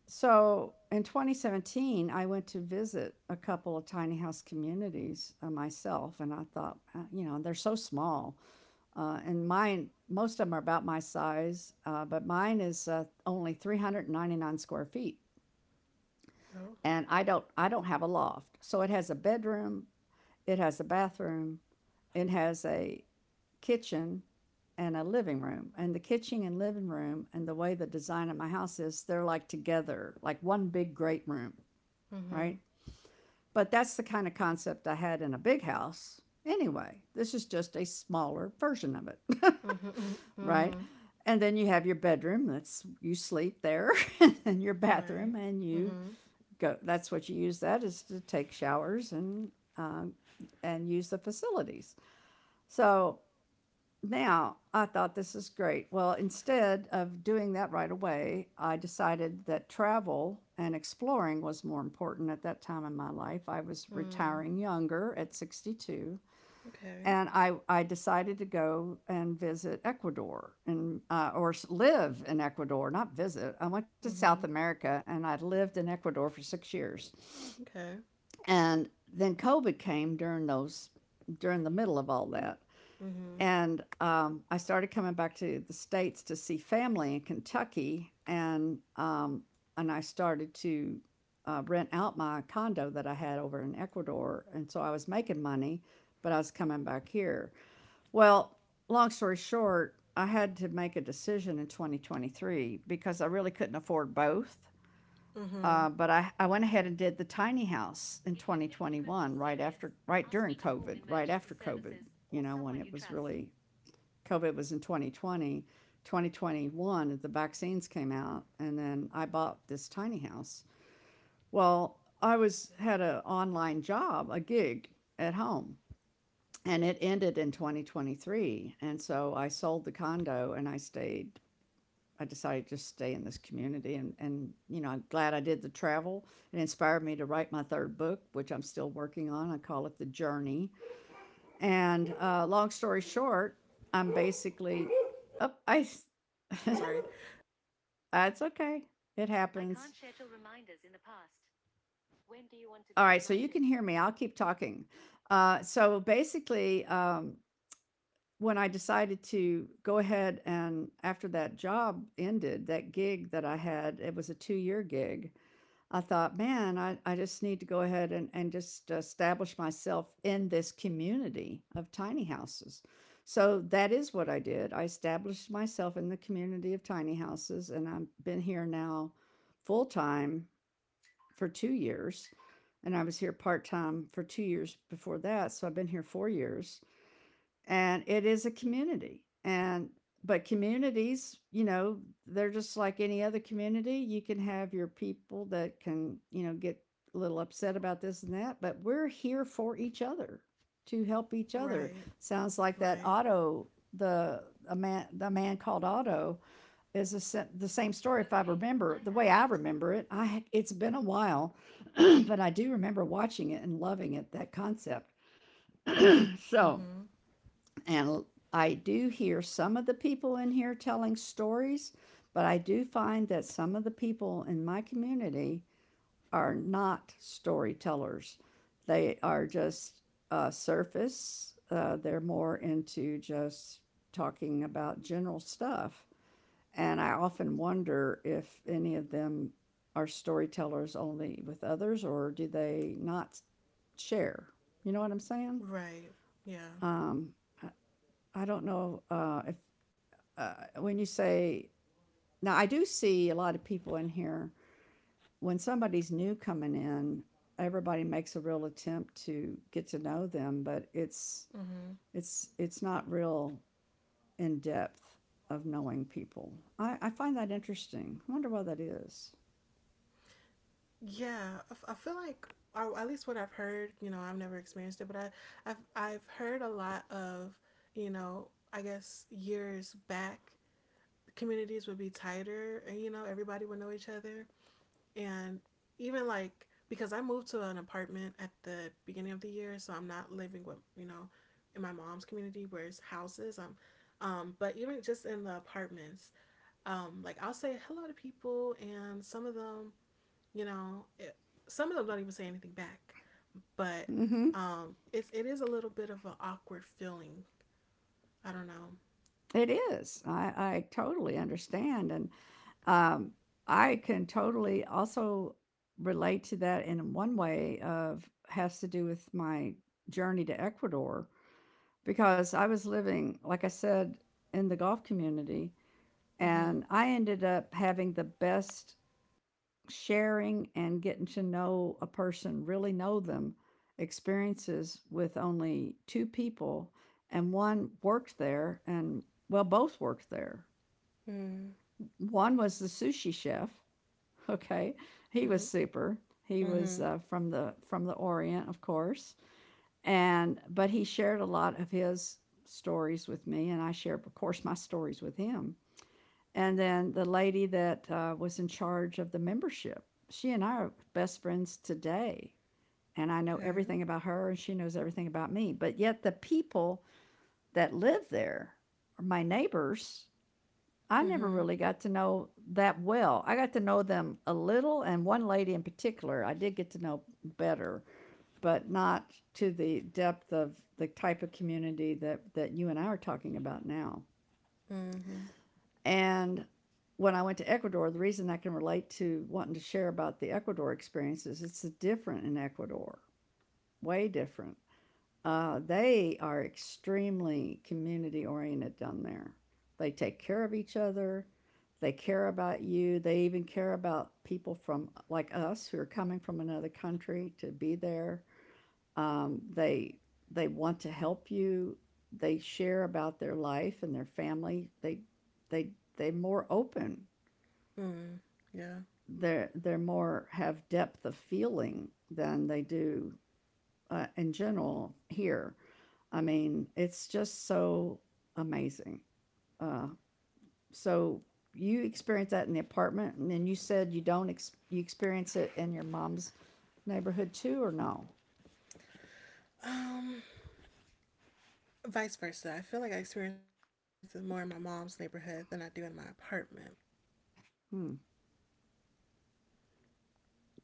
A: so in 2017, I went to visit a couple of tiny house communities myself, and I thought, you know, they're so small, and mine, most of them are about my size, but mine is only 399 square feet,
B: Oh.
A: and I don't have a loft, so it has a bedroom, it has a bathroom, it has a kitchen, and a living room. And the kitchen and living room, and the way the design of my house is, they're like together, like one big great room, right? But that's the kind of concept I had in a big house. Anyway, this is just a smaller version of it, <laughs> right? And then you have your bedroom, that's you sleep there, <laughs> and then your bathroom,
B: Right.
A: and you go. That's what you use that is, to take showers um, and use the facilities. So now, I thought this is great. Well, instead of doing that right away, I decided that travel and exploring was more important at that time in my life. I was
B: Mm.
A: retiring younger at 62,
B: Okay.
A: and I decided to go and visit Ecuador and or live in Ecuador, not visit. I went to South
B: Mhm.
A: America and I'd lived in Ecuador for 6 years.
B: Okay.
A: And then COVID came during those during the middle of all that.
B: Mhm.
A: And I started coming back to the states to see family in Kentucky, and I started to rent out my condo that I had over in Ecuador, and so I was making money, but I was coming back here. Well, long story short, I had to make a decision in 2023 because I really couldn't afford both. Uh,
B: Mhm.
A: but I, I went ahead and did the tiny house in 2021, right during COVID, right after COVID, you know, when it was really COVID was in 2020. 2021, the vaccines came out, and then I bought this tiny house. Well, I was had an online job, a gig at home, and it ended in 2023. And so I sold the condo and I stayed. I decided to just stay in this community, and you know I'm glad I did the travel. It inspired me to write my third book, which I'm still working on. I call it The Journey and long story short, I'm basically, oh, I, <laughs> s-
B: Sorry.
A: that's okay. It I happens. All right, so you can hear me. I'll keep talking. So basically, when I decided to go ahead and after that job ended, that gig that I had, it was a 2 year gig. I thought, man, I just need to go ahead and just establish myself in this community of tiny houses. So that is what I did. I established myself in the community of tiny houses, and I've been here now full time for 2 years. And I was here part time for 2 years before that. So I've been here 4 years and it is a community and but communities you know they're just like any other community. You can have your people that can you know get a little upset about this and that but we're here for each other to help each other.
B: Right,
A: Sounds like that
B: right.
A: Otto, the the man called Otto is a, the same story if I remember the way I remember it. I It's been a while, <clears throat> but I do remember watching it and loving it, that concept. <clears throat> So
B: Mm-hmm.
A: and I do hear some of the people in here telling stories, but I do find that some of the people in my community are not storytellers. They are just surface, they're more into just talking about general stuff. And I often wonder if any of them are storytellers only with others, or do they not share? You know what I'm saying?
B: Right. Yeah.
A: Um, I, I don't know if uh, when you say now, I do see a lot of people in here. When somebody's new coming in, everybody makes a real attempt to get to know them, but it's
B: Mm-hmm.
A: it's it's not real in depth of knowing people. I find that interesting. I wonder why that is.
B: Yeah. I feel like, or at least what I've heard, you know, I've never experienced it, but I've heard a lot of, you know, I guess years back, communities would be tighter and, you know, everybody would know each other. And even like, because I moved to an apartment at the beginning of the year, so I'm not living with, you know, in my mom's community where it's houses. But even just in the apartments, like I'll say hello to people, and some of them, you know, it, some of them don't even say anything back. But
A: Mm-hmm.
B: it's it is a little bit of an awkward feeling. I don't know.
A: It is. I totally understand. And Um, I can totally also relate to that in one way of has to do with my journey to Ecuador, because I was living, like I said, in the golf community,
B: Mm-hmm.
A: and I ended up having the best sharing and getting to know a person, really know them, experiences with only two people, and one worked there and well both worked there.
B: Mm.
A: One was the sushi chef. Okay, he was
B: Mm-hmm.
A: super. He was
B: Mm-hmm.
A: from the Orient, of course, and but he shared a lot of his stories with me, and I shared, of course, my stories with him. And then the lady that was in charge of the membership, she and I are best friends today, and I know
B: Okay.
A: everything about her, and she knows everything about me. But yet, the people that live there, my neighbors, I never
B: Mm-hmm.
A: really got to know that well. I got to know them a little, and one lady in particular I did get to know better, but not to the depth of the type of community that you and I are talking about now.
B: Mm-hmm.
A: And when I went to Ecuador, the reason I can relate to wanting to share about the Ecuador experience is it's different in Ecuador, way different. They are extremely community oriented down there. They take care of each other. They care about you. They even care about people from like us who are coming from another country to be there. Um, they they want to help you. They share about their life and their family. They they're more open.
B: Mm. Yeah.
A: They're more have depth of feeling than they do in general here. I mean, it's just so amazing. Uh, so you experience that in the apartment, and then you said you don't ex- you experience it in your mom's neighborhood too, or no?
B: Um. Vice versa. I feel like I experience it more in my mom's neighborhood than I do in my apartment.
A: Hmm.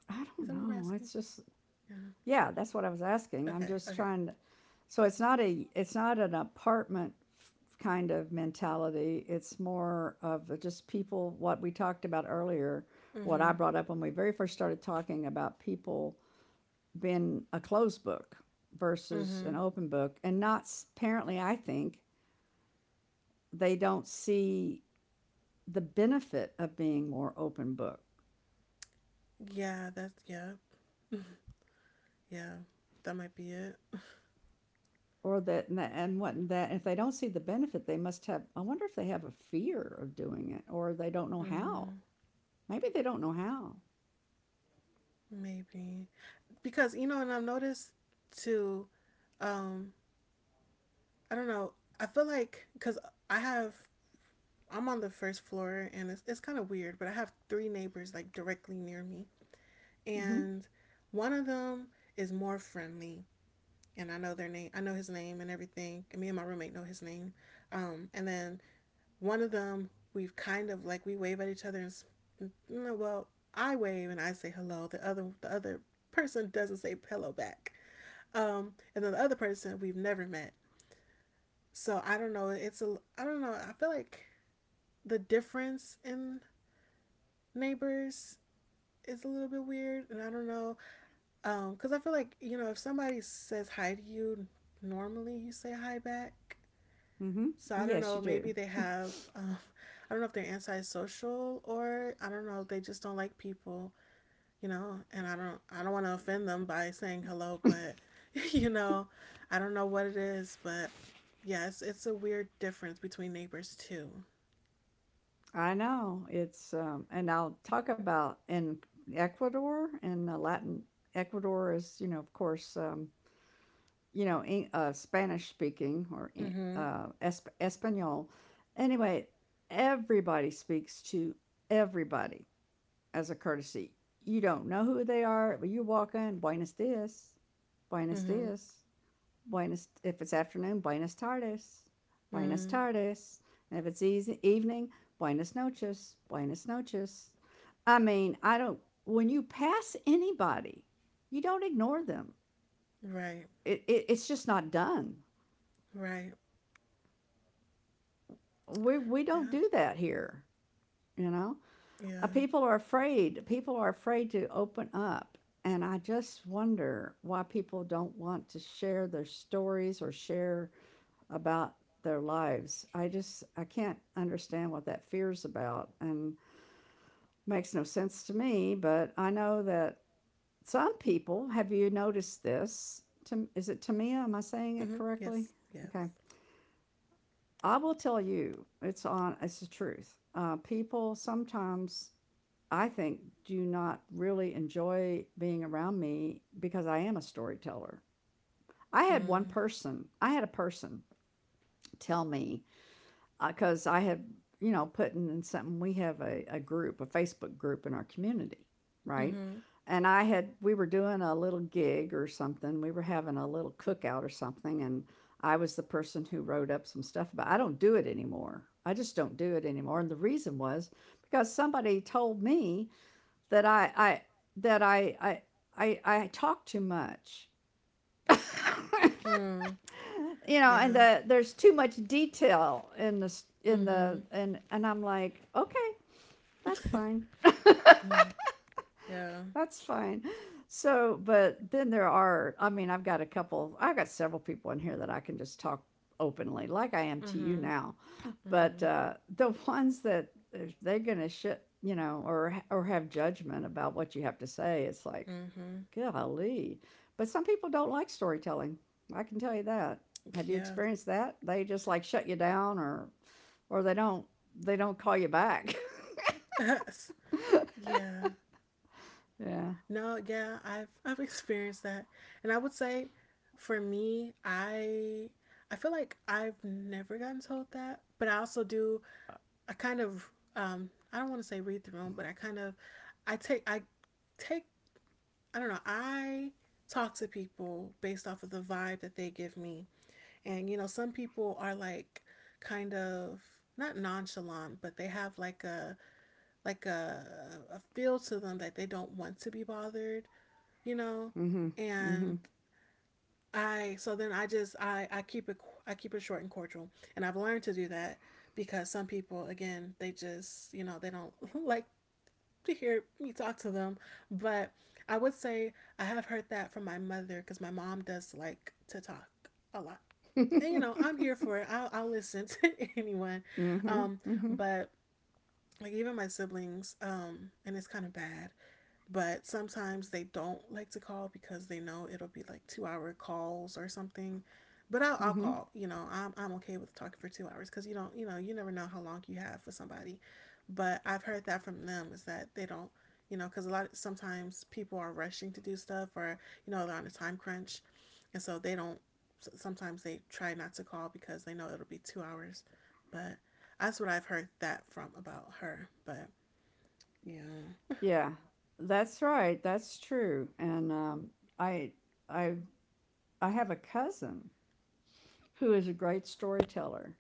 B: Is that
A: I
B: what we're
A: don't
B: asking?
A: know. It's just
B: Yeah.
A: yeah, that's what I was asking. I'm
B: Okay.
A: just
B: Okay.
A: trying to. So it's not a it's not an kind of mentality. It's more of a just people. What we talked about earlier, what I
B: Mm-hmm.
A: brought up when we very first started talking about people been a closed book versus an
B: Mm-hmm.
A: open book. And not apparently, I think they don't see the benefit of being more open book.
B: Yeah. That's Yeah. Yeah. That might be it.
A: Or that and what that if they don't see the benefit they must have, I wonder if they have a fear of doing it or they don't know how.
B: Mm,
A: Maybe they don't know how.
B: maybe, because you know, and I've noticed too. Um, I don't know. I feel like because I have I'm on the first floor and it's kind of weird, but I have three neighbors like directly near me,
A: Mm-hmm.
B: and one of them is more friendly, and I know their name. I know his name and everything. And me and my roommate know his name. And then One of them, we've kind of like we wave at each other, and no, well, I wave and I say hello. The other person doesn't say hello back. And then the other person we've never met. So I don't know. It's a I don't know. I feel like the difference in neighbors is a little bit weird, and I don't know. Because I feel like, you know, if somebody says hi to you normally, you say hi back.
A: Mm-hmm.
B: So I don't
A: Yes you
B: know.
A: do.
B: Maybe they have. I don't know if they're antisocial, or I don't know, they just don't like people, you know. And I don't. I don't want to offend them by saying hello, but <laughs> you know, I don't know what it is, but yes, it's a weird difference between neighbors too.
A: I know it's and I'll talk about in Ecuador and Latin. Ecuador is you know of course you know, Spanish speaking or
B: Mhm.
A: Espanol. Anyway, everybody speaks to everybody as a courtesy. You don't know who they are, but you walk in, buenos dias, buenos
B: Mhm.
A: dias, buenos, if it's afternoon, buenas tardes, buenas
B: Mm.
A: tardes. And if it's easy, evening, buenas noches, buenas noches. I mean, I don't, when you pass anybody, you don't ignore them.
B: Right.
A: It's just not done.
B: Right.
A: We don't
B: Yeah.
A: do that here, you know.
B: Yeah.
A: People are afraid, people are afraid to open up, and I just wonder why people don't want to share their stories or share about their lives. I can't understand what that fear's about, and makes no sense to me, but I know that some people have. You noticed this, is it Tamia, am I saying it
B: Mhm.
A: correctly?
B: Yes. Yes.
A: Okay. I will tell you, it's on. It's the truth. People sometimes, I think, do not really enjoy being around me because I am a storyteller. I had one
B: Mm.
A: person. I had a person tell me because I have, you know, putting in something. We have a group, a Facebook group in our community, right?
B: Mhm.
A: And I had, we were doing a little gig or something. We were having a little cookout or something. And I was the person who wrote up some stuff about. I don't do it anymore. I just don't do it anymore. And the reason was because somebody told me that I, I, that I talk too much, <laughs>
B: Mm.
A: you know, and
B: Yeah.
A: there's too much detail in the in the
B: Mhm.
A: and and I'm like, okay, that's fine,
B: <laughs> No. Yeah.
A: that's fine. So, but then there are, I mean, I've got a couple, I've got several people in here that I can just talk openly, like I am to you
B: Mhm.
A: now. But
B: Mm-hmm.
A: the <laughs> ones that they're gonna shit, you know, or have judgment about what you have to say, it's like,
B: Mm-hmm.
A: golly. But some people don't like storytelling. I can tell you that. Have you
B: Yeah.
A: experienced that? They just like shut you down or they don't, they don't call you back.
B: <laughs> Yeah.
A: <laughs> Yeah.
B: No, yeah, I've experienced that. And I would say for me, I feel like I've never gotten told that, but I also do, I kind of I don't want to say read the room, but I kind of, I take I take I don't know, I talk to people based off of the vibe that they give me. And you know, some people are like kind of, not nonchalant, but they have like like a, a feel to them that they don't want to be bothered, you know?
A: Mhm.
B: And
A: Mhm.
B: I, so then I keep it short and cordial, and I've learned to do that because some people again, they just, you know, they don't <laughs> like to hear me talk to them, but I would say I have heard that from my mother because my mom does like to talk a lot, and you know I'm here
A: <laughs>
B: for it. I'll listen <laughs> to anyone,
A: Mhm.
B: um,
A: Mhm.
B: but like even my siblings, and it's kind of bad, but sometimes they don't like to call because they know it'll be like 2 hour calls or something, but I'll
A: Mhm. <laughs>
B: call, you know, I'm okay with talking for 2 hours because you don't, you know, you never know how long you have for somebody. But I've heard that from them, is that they don't, you know, because a lot of sometimes people are rushing to do stuff, or you know, they're on a time crunch, and so they don't, sometimes they try not to call because they know it'll be 2 hours. But that's what I've heard that from about her. But yeah.
A: Yeah. That's right. That's true. And I I I have a cousin who is a great storyteller.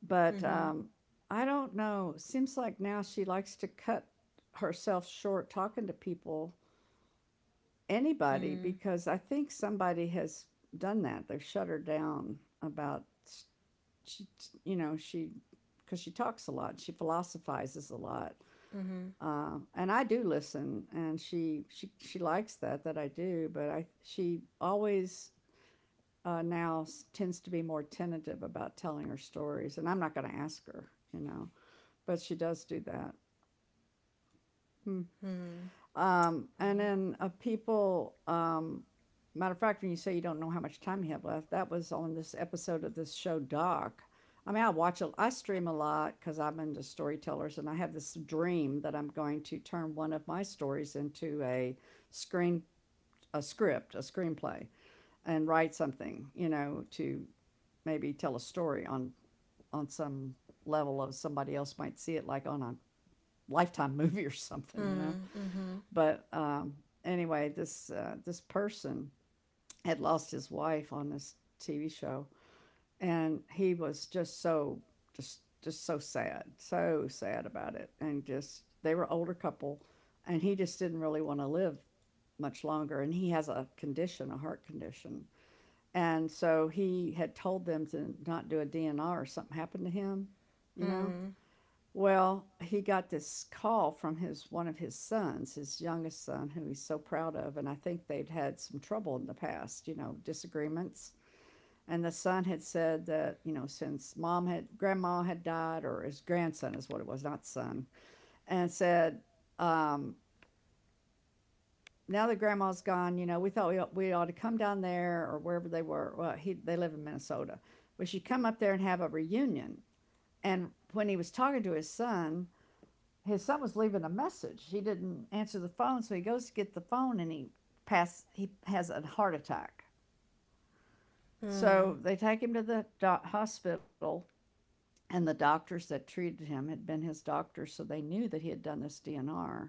A: But
B: Mm-hmm.
A: I don't know. Seems like now she likes to cut herself short talking to people, anybody,
B: Mm.
A: because I think somebody has done that. They've shut her down about she, you know, she, because she talks a lot, she philosophizes a lot,
B: Mm-hmm.
A: and I do listen, and she likes that that I do, but I she always. Now tends to be more tentative about telling her stories, and I'm not going to ask her, you know, but she does do that. Hmm.
B: Hmm.
A: And then People, matter of fact, when you say you don't know how much time you have left, that was on this episode of this show, Doc. I mean, I watch it, I stream a lot because I'm into storytellers, and I have this dream that I'm going to turn one of my stories into a screen, a script, a screenplay, and write something, to maybe tell a story on some level of somebody else might see it like on a lifetime <laughs> movie or something.
B: Mm. Mm-hmm.
A: But anyway, this person had lost his wife on this TV show, and he was just so just so sad about it, and just they were an older couple, and he just didn't really want to live much longer, and he has a condition, a heart condition, and so he had told them to not do a DNR or something happened to him, you know.
B: Hmm.
A: Well, he got this call from his one of his sons, his youngest son, who he's so proud of, and I think they'd had some trouble in the past, disagreements. And the son had said that, since mom had grandma had died, or his grandson is what it was, not son, and said, um, now that grandma's gone, we thought we ought to come down there or wherever they were. Well, he they live in Minnesota. We should come up there and have a reunion. And when he was talking to his son was leaving a message. He didn't answer the phone, so he goes to get the phone and he has a heart attack. So
B: Mm.
A: they take him to the hospital, and the doctors that treated him had been his doctors, so they knew that he had done this DNR,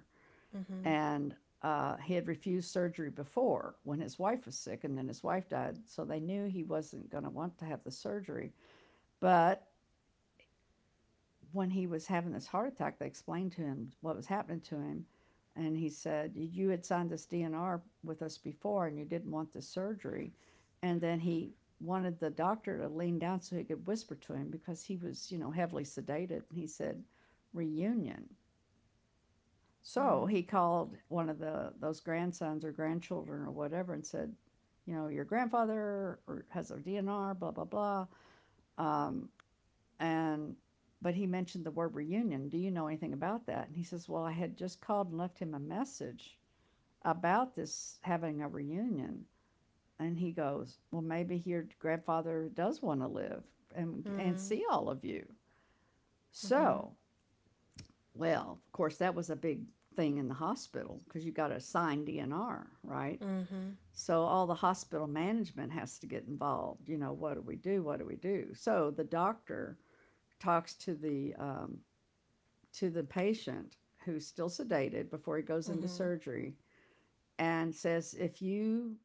B: Mm-hmm.
A: and he had refused surgery before when his wife was sick, and then his wife died, so they knew he wasn't going to want to have the surgery. But when he was having this heart attack, they explained to him what was happening to him. And he said, "You had signed this DNR with us before, and you didn't want the surgery." And then he wanted the doctor to lean down so he could whisper to him because he was, heavily sedated. And he said, "Reunion." So
B: Hmm.
A: he called one of the those grandsons or grandchildren or whatever and said, Your grandfather has a DNR, blah blah blah." Um, and but he mentioned the word reunion. Do you know anything about that? And he says, "Well, I had just called and left him a message about this having a reunion." And he goes, "Well, maybe your grandfather does want to live and
B: Mm.
A: see all of you."
B: Mm-hmm.
A: So, well, of course, that was a big thing in the hospital because you got to sign DNR, right?
B: Mm-hmm.
A: So all the hospital management has to get involved. What do we do? What do we do? So the doctor talks to the patient who's still sedated before he goes into
B: Mm-hmm.
A: surgery, and says, "If you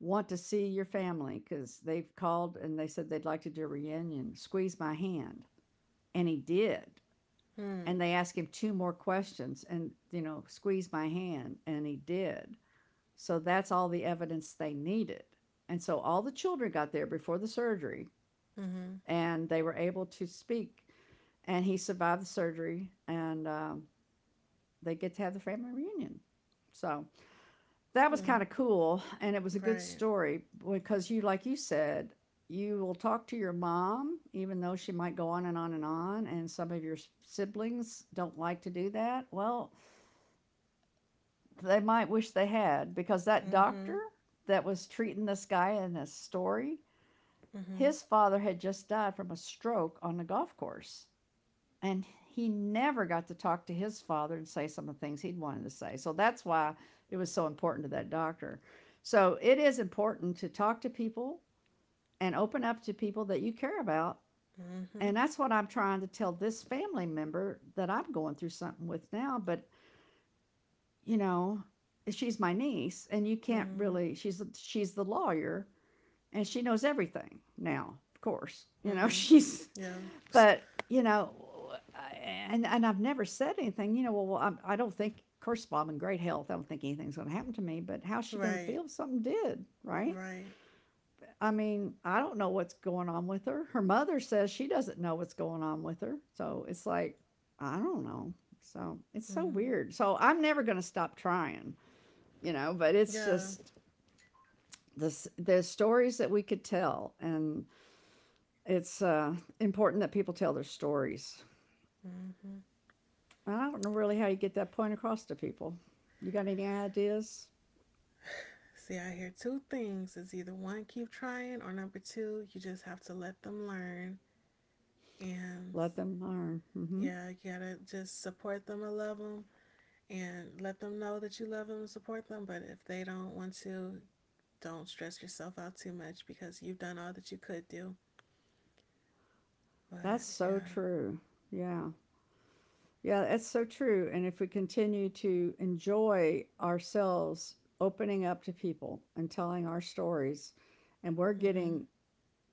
A: want to see your family, because they've called and they said they'd like to do a reunion, squeeze my hand." And he did.
B: Mm.
A: And they asked him two more questions, and, squeeze my hand. And he did. So that's all the evidence they needed. And so all the children got there before the surgery,
B: Mm-hmm.
A: and they were able to speak. And he survived the surgery, and they get to have the family reunion. So that was
B: Mm.
A: kind of cool. And it was a good
B: Right.
A: story because you, like you said, you will talk to your mom, even though she might go on and on and on. And some of your siblings don't like to do that. Well, they might wish they had, because that doctor
B: Mm-hmm.
A: that was treating this guy in this story,
B: Mm-hmm.
A: his father had just died from a stroke on the golf course. And he never got to talk to his father and say some of the things he'd wanted to say. So that's why it was so important to that doctor. So it is important to talk to people and open up to people that you care about.
B: Mm-hmm.
A: And that's what I'm trying to tell this family member that I'm going through something with now. But, you know, she's my niece, and you can't
B: Mm.
A: really, she's the lawyer, and she knows everything now, of course
B: Mm.
A: you know <laughs>
B: Yeah.
A: she's
B: <laughs>
A: but you know, and I've never said anything. Well, I don't think. Of course, Bob in great health. I don't think anything's going to happen to me. But how's she going to
B: Right.
A: feel if something did? Right?
B: Right.
A: I mean, I don't know what's going on with her. Her mother says she doesn't know what's going on with her. So it's like I don't know. So it's so
B: Mm.
A: weird. So I'm never going to stop trying. But it's
B: Yeah.
A: just this the stories that we could tell, and it's important that people tell their stories. I don't know really how you get that point across to people. You got any ideas?
B: See, I hear two things. Is either one, keep trying, or number two, you just have to let them learn. And
A: Let them learn. Hmm.
B: yeah, you gotta just support them and love them and let them know that you love them and support them. But if they don't want to, don't stress yourself out too much because you've done all that you could do. But
A: That's so
B: yeah.
A: true. Yeah. Yeah, that's so true. And if we continue to enjoy ourselves opening up to people and telling our stories, and we're
B: Mhm.
A: getting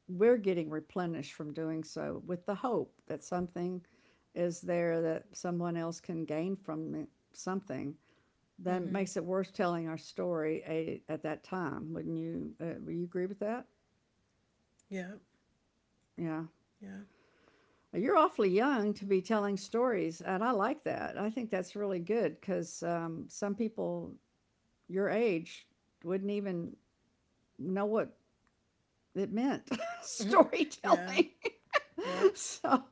A: we're getting replenished from doing so with the hope that something is there that someone else can gain from, something then
B: Mhm.
A: makes it worth telling our story at that time. Wouldn't you? Would you agree with that?
B: Yep.
A: Yeah.
B: Yeah.
A: You're awfully young to be telling stories, and I like that. I think that's really good because some people your age wouldn't even know what it meant, <laughs>
B: Yeah.
A: storytelling.
B: Yep.
A: <laughs> So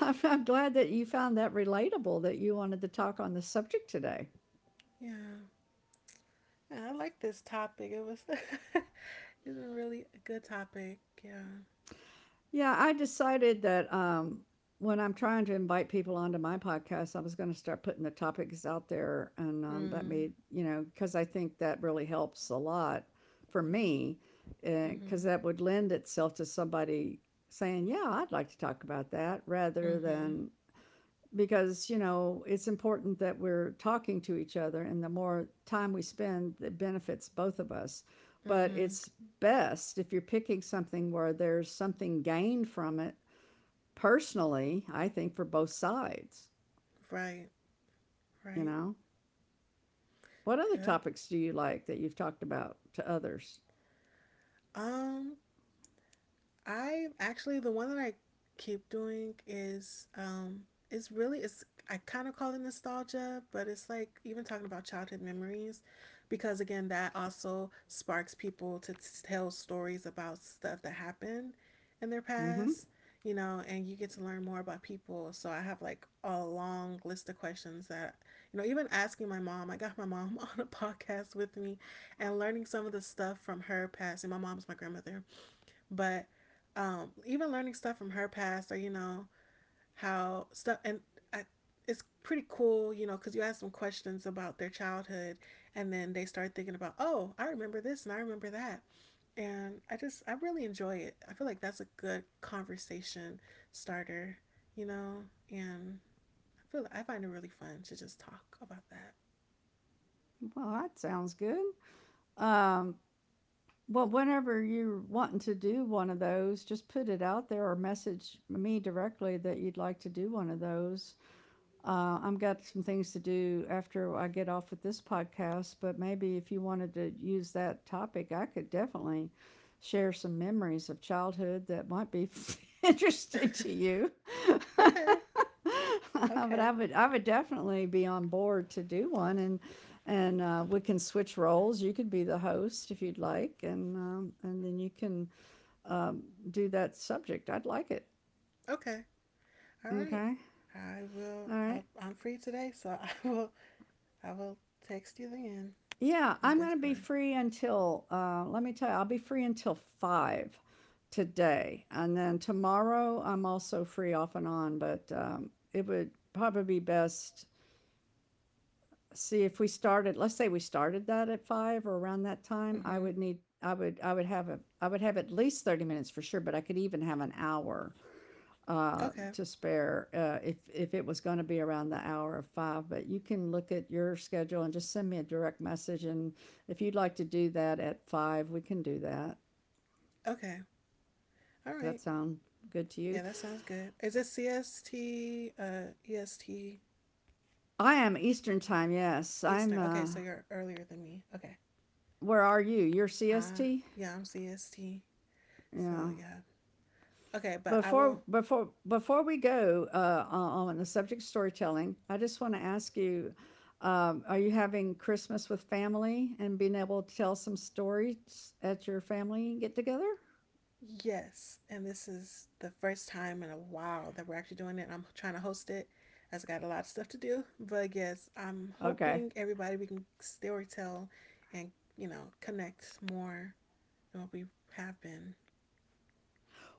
A: I'm glad that you found that relatable, that you wanted to talk on the subject today.
B: Yeah. Yeah, I like this topic. It was, <laughs> it's a really a good topic. Yeah.
A: Yeah, I decided that when I'm trying to invite people onto my podcast, I was going to start putting the topics out there. And that
B: Mm.
A: made, because I think that really helps a lot for me, because
B: Mhm.
A: that would lend itself to somebody saying, "Yeah, I'd like to talk about that," rather
B: Mhm.
A: than because it's important that we're talking to each other, and the more time we spend it benefits both of us, but
B: Mhm.
A: it's best if you're picking something where there's something gained from it, personally I think, for both sides.
B: Right,
A: you
B: right.
A: know what other
B: Yep.
A: topics do you like that you've talked about to others?
B: Um. I actually, the one that I keep doing is, it's really, it's, I kind of call it nostalgia, but it's like even talking about childhood memories, because again that also sparks people to tell stories about stuff that happened in their
A: Mm-hmm.
B: past, you know, and you get to learn more about people. So I have like a long list of questions that, you know, even asking my mom, I got my mom <laughs> on a podcast with me and learning some of the stuff from her past. And my mom's my grandmother, but even learning stuff from her past or, you know, how stuff, and I, it's pretty cool, you know, because you ask them questions about their childhood and then they start thinking about, oh, I remember this and I remember that. And I really enjoy it. I feel like that's a good conversation starter, you know, and I find it really fun to just talk about that.
A: Well, that sounds good. um well, whenever you're wanting to do one of those, just put it out there or message me directly that you'd like to do one of those. I've got some things to do after I get off with this podcast, but maybe if you wanted to use that topic, I could definitely share some memories of childhood that might be <laughs> interesting to you.
B: <laughs> Okay.
A: <laughs>
B: Okay.
A: But I would definitely be on board to do one, and we can switch roles. You could be the host if you'd like, and and then you can um, do that subject. I'd like it.
B: Okay. All right.
A: Okay.
B: I will,
A: All
B: I,
A: right.
B: I'm free today, so <laughs> I will text you again
A: Yeah,
B: on
A: I'm gonna be
B: Discord.
A: free until, let me tell you, I'll be free until 5 today, and then tomorrow I'm also free off and on, but, it would probably be best, see if we started let's say we started that at five or around that time.
B: Mm-hmm.
A: I would have at least 30 minutes for sure, but I could even have an hour
B: Okay.
A: to spare, if it was going to be around the hour of five. But you can look at your schedule and just send me a direct message. And if you'd like to do that at five, we can do that.
B: Okay. All
A: Does that
B: right.
A: sound good to you?
B: Yeah, that sounds good. Is it CST, EST,
A: I am Eastern time. Yes. I'm
B: Eastern? Okay, so you're earlier than me. Okay.
A: Where are you? You're
B: Uh,
A: CST?
B: yeah, I'm CST. So,
A: Yeah.
B: yeah. Okay, but I will,
A: Before we go, on the subject of storytelling, I just want to ask you: are you having Christmas with family and being able to tell some stories at your family get together?
B: yes. And this is the first time in a while that we're actually doing it. I'm trying to host it. I've got a lot of stuff to do. But yes, I'm
A: Okay.
B: hoping everybody, we can storytell and, you know, connect more. Well, we have been.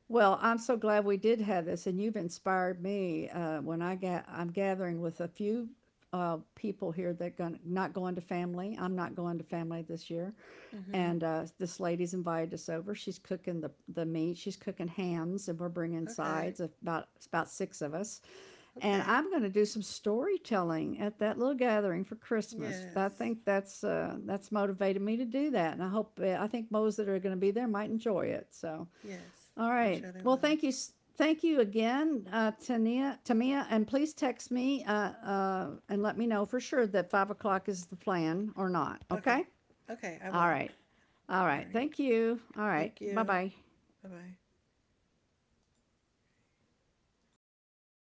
A: Well, I'm so glad we did have this, and you've inspired me. When I'm gathering with a few people here, that, going not going to family. I'm not going to family this year,
B: Mm-hmm.
A: and this lady's invited us over. She's cooking the meat. She's cooking hams, and we're bringing
B: Okay.
A: sides. About it's about six of us, and
B: Okay.
A: I'm going to do some storytelling at that little gathering for Christmas. I
B: Yes.
A: think that's motivated me to do that, and I hope, I think those that are going to be there might enjoy it. So.
B: Yes.
A: All
B: I'm
A: right.
B: sure they
A: Well,
B: will.
A: thank you. Thank you again, Tania, Tamia, and please text me, and let me know for sure that 5 o'clock is the plan or not. Okay.
B: Okay. Okay. I
A: All
B: will.
A: right. All
B: All
A: right.
B: right.
A: Thank you. All right.
B: Thank
A: Bye
B: you.
A: bye.
B: Bye bye.